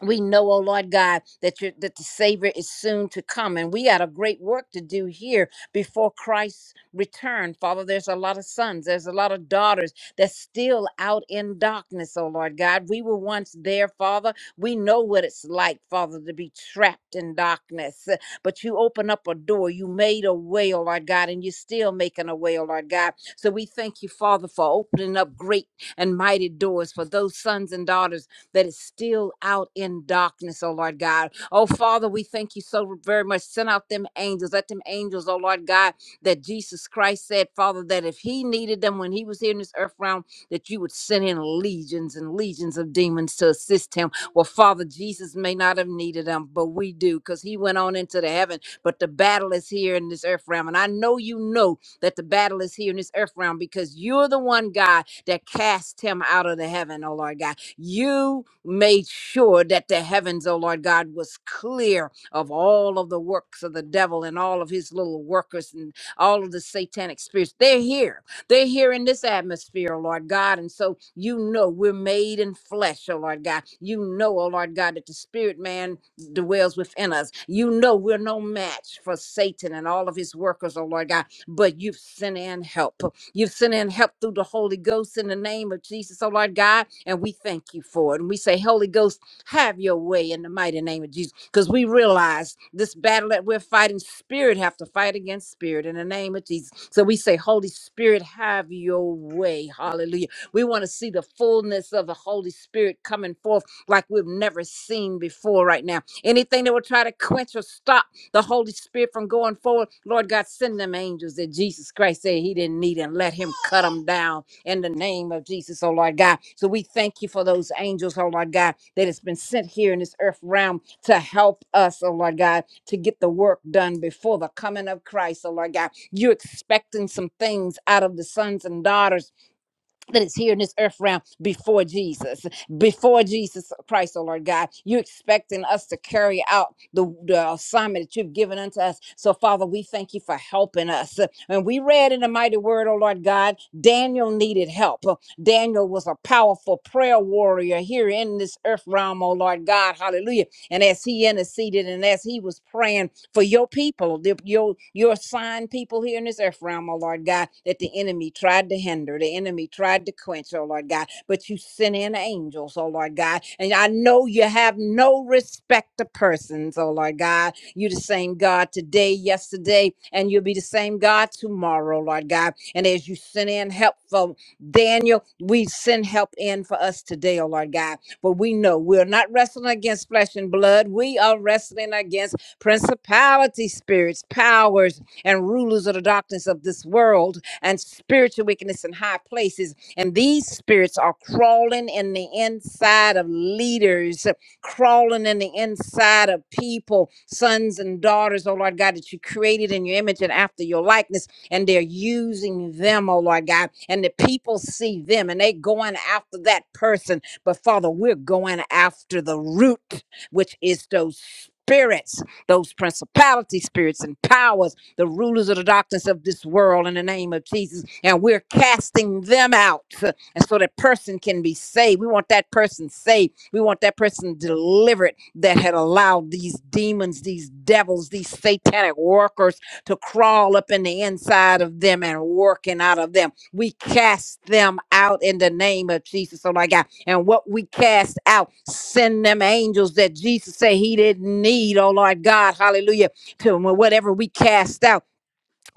Speaker 4: we know, oh Lord God, that you that the Savior is soon to come, and we got a great work to do here before Christ's return. Father, there's a lot of sons, there's a lot of daughters that's still out in darkness, oh Lord God. We were once there, Father. We know what it's like, Father, to be trapped in darkness. Uh, But you open up a door, you made a way, oh Lord God, and you're still making a way, oh Lord God. So we thank you, Father, for opening up great and mighty doors for those sons and daughters that is still out in darkness, oh Lord God. Oh Father, we thank you so very much. Send out them angels. Let them angels, oh Lord God, that Jesus Christ said, Father, that if he needed them when he was here in this earth realm, that you would send in legions and legions of demons to assist him. Well, Father, Jesus may not have needed them, but we do because he went on into the heaven. But the battle is here in this earth realm. And I know you know that the battle is here in this earth realm because you're the one, God, that cast him out of the heaven, oh Lord God. You made sure that the heavens, oh Lord God, was clear of all of the works of the devil and all of his little workers and all of the satanic spirits. They're here. They're here in this atmosphere, oh Lord God. And so you know we're made in flesh, oh Lord God. You know, oh Lord God, that the spirit man dwells within us. You know we're no match for Satan and all of his workers, oh Lord God, but you've sent in help. You've sent in help through the Holy Ghost in the name of Jesus, oh Lord God. And we thank you for it. And we say, Holy Ghost, have your way in the mighty name of Jesus. Because we realize this battle that we're fighting, spirit have to fight against spirit in the name of Jesus. So we say, Holy Spirit, have your way. Hallelujah. We want to see the fullness of the Holy Spirit coming forth like we've never seen before right now. Anything that will try to quench or stop the Holy Spirit from going forward. Lord God, send them angels that Jesus Christ said he didn't need and let him cut them down in the name of Jesus, oh Lord God. So we thank you for those angels, oh Lord God, that has been sent here in this earth realm to help us, oh Lord God, to get the work done before the coming of Christ, oh Lord God. You're expecting some things out of the sons and daughters that is here in this earth realm before Jesus, before Jesus Christ, oh Lord God. You're expecting us to carry out the, the assignment that you've given unto us. So, Father, we thank you for helping us. And we read in the mighty word, oh Lord God, Daniel needed help. Daniel was a powerful prayer warrior here in this earth realm, oh Lord God. Hallelujah. And as he interceded and as he was praying, for your people, the- your your assigned people here in this earth realm, oh Lord God, that the enemy tried to hinder, the enemy tried to quench, oh Lord God, but you sent in angels, oh Lord God. And I know you have no respect to persons, oh Lord God. you the same God today, yesterday, and you'll be the same God tomorrow, Lord God. And as you send in help for Daniel, we send help in for us today, oh Lord God. But we know we're not wrestling against flesh and blood. We are wrestling against principality spirits, powers, and rulers of the darkness of this world, and spiritual wickedness in high places. And these spirits are crawling in the inside of leaders, crawling in the inside of people, sons and daughters, oh Lord God, that you created in your image and after your likeness. And they're using them, oh Lord God. And the people see them and they going after that person. But Father, we're going after the root, which is those spirits those principality spirits and powers, the rulers of the darkness of this world in the name of Jesus. And we're casting them out. And so that person can be saved. We want that person saved. We want that person delivered that had allowed these demons, these devils, these satanic workers to crawl up in the inside of them and working out of them. We cast them out in the name of Jesus. So, God and what we cast out. Send them angels that Jesus said he didn't need, oh Lord God, hallelujah, to whatever we cast out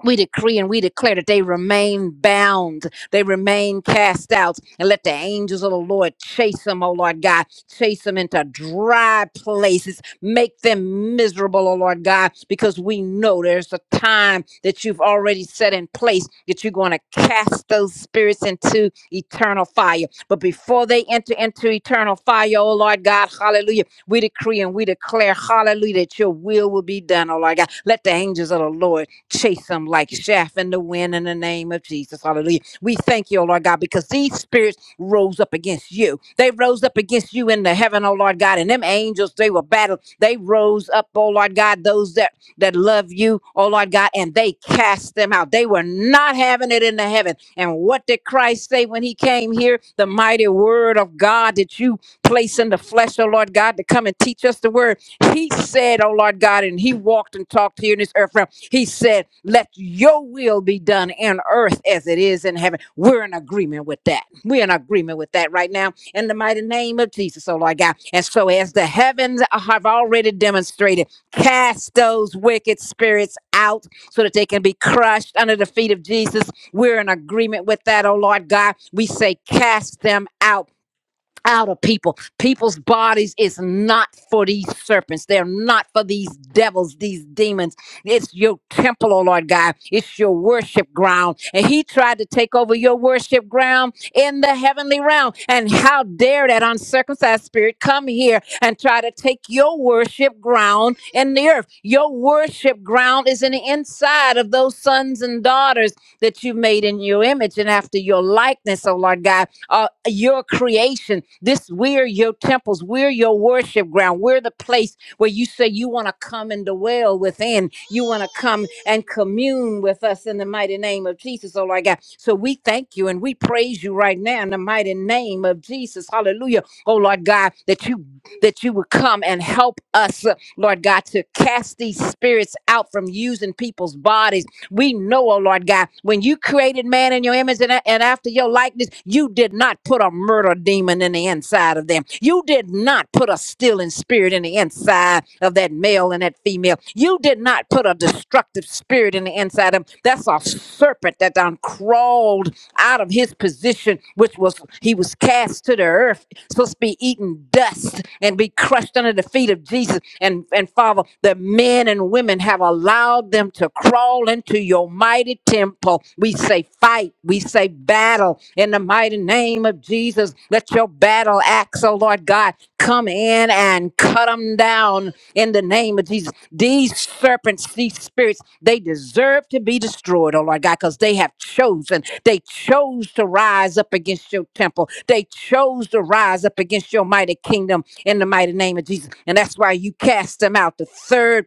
Speaker 4: we decree and we declare that they remain bound, they remain cast out, and let the angels of the Lord chase them, oh Lord God, chase them into dry places, make them miserable, oh Lord God, because we know there's a time that you've already set in place that you're going to cast those spirits into eternal fire. But before they enter into eternal fire, oh Lord God, hallelujah, we decree and we declare, hallelujah, that your will will be done, oh Lord God. Let the angels of the Lord chase them like chaff in the wind in the name of Jesus. Hallelujah. We thank you, oh Lord God, because these spirits rose up against you. They rose up against you in the heaven, oh Lord God, and them angels, they were battled. They rose up, oh Lord God, those that, that love you, oh Lord God, and they cast them out. They were not having it in the heaven. And what did Christ say when he came here? The mighty word of God that you place in the flesh, oh Lord God, to come and teach us the word. He said, oh Lord God, and he walked and talked here in this earth realm. He said, Let your will be done in earth as it is in heaven. We're in agreement with that. We're in agreement with that right now in the mighty name of Jesus, oh Lord God. And so, as the heavens have already demonstrated, cast those wicked spirits out so that they can be crushed under the feet of Jesus. We're in agreement with that, oh Lord God. We say, Cast them out out of people. People's bodies is not for these serpents. They're not for these devils, these demons. It's your temple, oh Lord God. It's your worship ground. And he tried to take over your worship ground in the heavenly realm. And how dare that uncircumcised spirit come here and try to take your worship ground in the earth. Your worship ground is in the inside of those sons and daughters that you made in your image and after your likeness, oh Lord God uh, your creation. This we're your temples. We're your worship ground. We're the place where you say you want to come and dwell within. You want to come and commune with us in the mighty name of Jesus, oh Lord God. So we thank you and we praise you right now in the mighty name of Jesus. Hallelujah. Oh Lord God, that you that you would come and help us, uh, Lord God, to cast these spirits out from using people's bodies we know, oh Lord God, when you created man in your image and, a- and after your likeness, you did not put a murder demon in the inside of them. You did not put a stealing spirit in the inside of that male and that female. You did not put a destructive spirit in the inside of them. That's a serpent that done crawled out of his position, which was he was cast to the earth supposed to be eating dust and be crushed under the feet of Jesus. And, and Father, the men and women have allowed them to crawl into your mighty temple. We say fight, we say battle in the mighty name of Jesus. Let your battle axe, O Lord. Lord God, come in and cut them down in the name of Jesus. These serpents, these spirits, they deserve to be destroyed, oh Lord God, because they have chosen. They chose to rise up against your temple. They chose to rise up against your mighty kingdom in the mighty name of Jesus. And that's why you cast them out the third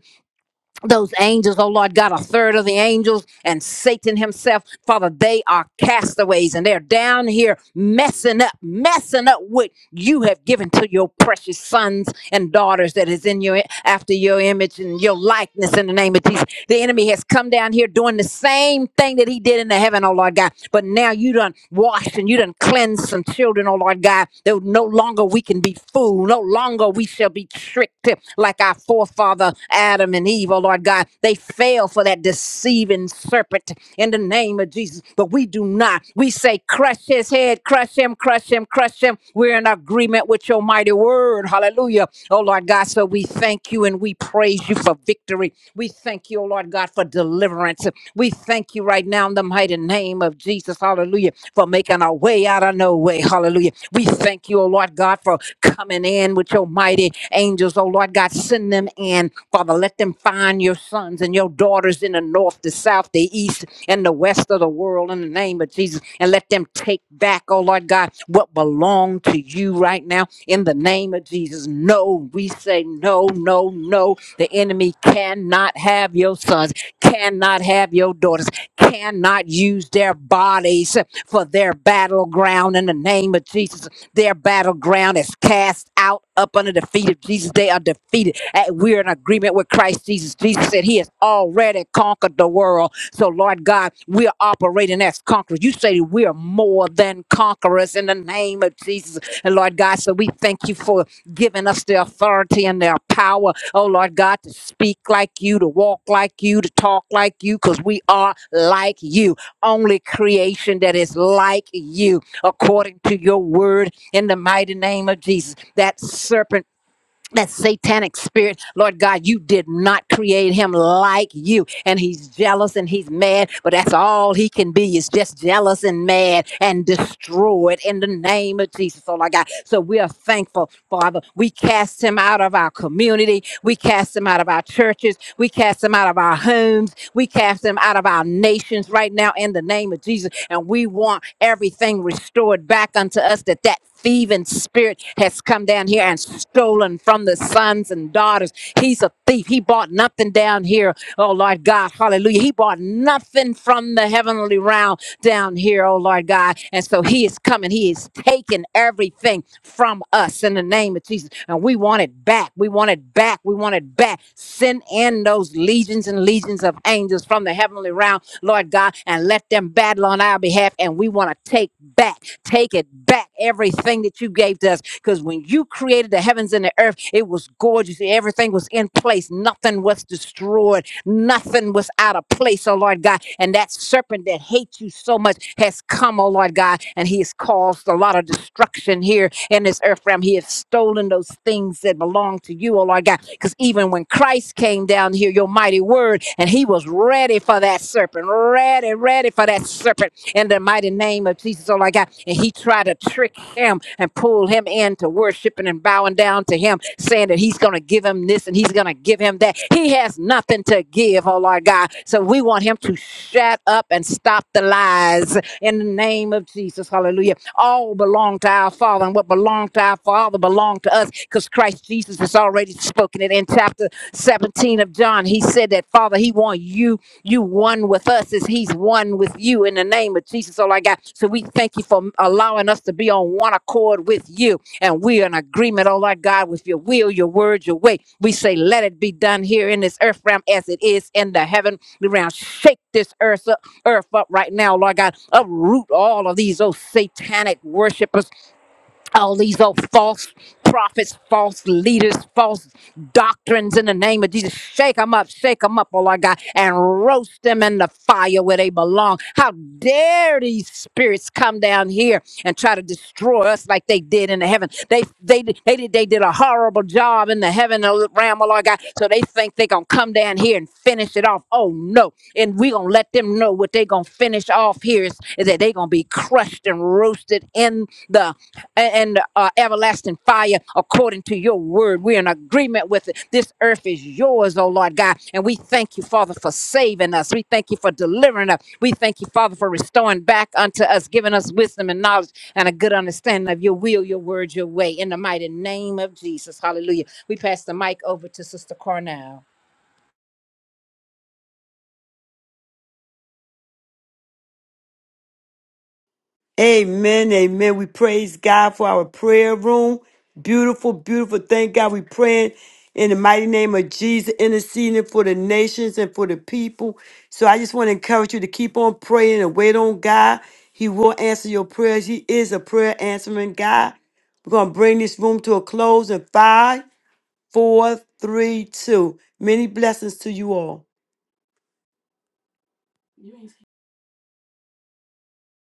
Speaker 4: those angels, oh Lord God, a third of the angels and Satan himself, Father, they are castaways and they're down here messing up, messing up what you have given to your precious sons and daughters that is in your after your image and your likeness in the name of Jesus. The enemy has come down here doing the same thing that he did in the heaven, oh Lord God. But now you done washed and you done cleansed some children, oh Lord Lord God, that no longer we can be fooled. No longer we shall be tricked like our forefather Adam and Eve, oh Lord God. They fell for that deceiving serpent in the name of Jesus, but we do not. We say, crush his head, crush him, crush him, crush him. We're in agreement with your mighty word. Hallelujah. Oh Lord God, so we thank you and we praise you for victory. We thank you, oh Lord God, for for deliverance. We thank you right now in the mighty name of Jesus. Hallelujah. For making our way out of no way. Hallelujah. We thank you, oh Lord God, for coming in with your mighty angels. Oh Lord God, send them in. Father, let them find your sons and your daughters in the north, the south, the east, and the west of the world in the name of Jesus. And let them take back, oh Lord God, what belong to you right now in the name of Jesus. No, we say no, no, no. The enemy cannot have your sons cannot have your daughters, cannot use their bodies for their battleground in the name of Jesus. Their battleground is cast out up under the feet of Jesus. They are defeated. And we're in agreement with Christ Jesus. Jesus said he has already conquered the world. So, Lord God, we are operating as conquerors. You say we are more than conquerors in the name of Jesus. And Lord God, so we thank you for giving us the authority and their power oh Lord God, to speak like you, to walk like you, to talk like you, because we are like you, only creation that is like you, according to your word in the mighty name of Jesus. That serpent that satanic spirit, Lord God, you did not create him like you. And he's jealous and he's mad, but that's all he can be is just jealous and mad and destroyed in the name of Jesus, oh Lord God. So we are thankful, Father. We cast him out of our community. We cast him out of our churches. We cast him out of our homes. We cast him out of our nations right now in the name of Jesus and we want everything restored back unto us that that thieving spirit has come down here and stolen from the sons and daughters. He's a thief. He bought nothing down here. Oh Lord God, hallelujah. He bought nothing from the heavenly realm down here, oh Lord God. And so he is coming. He is taking everything from us in the name of Jesus. And we want it back. We want it back. We want it back. Send in those legions and legions of angels from the heavenly realm Lord God, and let them battle on our behalf. And we want to take back, take it back, everything that you gave to us. Because when you created the heavens and the earth, it was gorgeous. Everything was in place. Nothing was destroyed. Nothing was out of place, oh Lord God. And that serpent that hates you so much has come, oh Lord God, and he has caused a lot of destruction here in this earth realm. He has stolen those things that belong to you, oh Lord God. Because even when Christ came down here, your mighty word, and he was ready for that serpent, ready, ready for that serpent in the mighty name of Jesus, oh my God. And he tried to trick him and pull him into worshiping and bowing down to him, saying that he's going to give him this and he's going to give him that. He has nothing to give, oh Lord God. So we want him to shut up and stop the lies in the name of Jesus. Hallelujah all belong to our Father, and what belonged to our Father belonged to us because Christ Jesus has already spoken it in chapter 17 of John. He said that, Father, He want you, you one with us as He's one with you in the name of Jesus. All I got. So we thank you for allowing us to be on one accord with you, and we're in agreement, oh my God, with your will, your word, your way. We say, let it be done here in this earth realm as it is in the heaven realm. Shake this earth up earth up right now, Lord God. Uproot all of these, oh, satanic worshipers all these old false prophets, false leaders, false doctrines in the name of Jesus. Shake them up, shake them up, oh Lord God, and roast them in the fire where they belong. How dare these spirits come down here and try to destroy us like they did in the heaven? They they they did they did a horrible job in the heaven realm, oh Lord God. So they think they're gonna come down here and finish it off. Oh no. And we're gonna let them know what they're gonna finish off here is, is that they're gonna be crushed and roasted in the and uh, everlasting fire according to your word. We're in agreement with it. This earth is yours, oh Lord God. And we thank you, Father, for saving us. We thank you for delivering us. We thank you, Father, for restoring back unto us, giving us wisdom and knowledge and a good understanding of your will, your word, your way. In the mighty name of Jesus. Hallelujah. We pass the mic over to Sister Cornell.
Speaker 3: Amen. Amen. We praise God for our prayer room. Beautiful, beautiful. Thank God. We praying in the mighty name of Jesus, interceding for the nations and for the people. So I just want to encourage you to keep on praying and wait on God. He will answer your prayers. He is a prayer answering God. We're going to bring this room to a close in five, four, three, two. Many blessings to you all.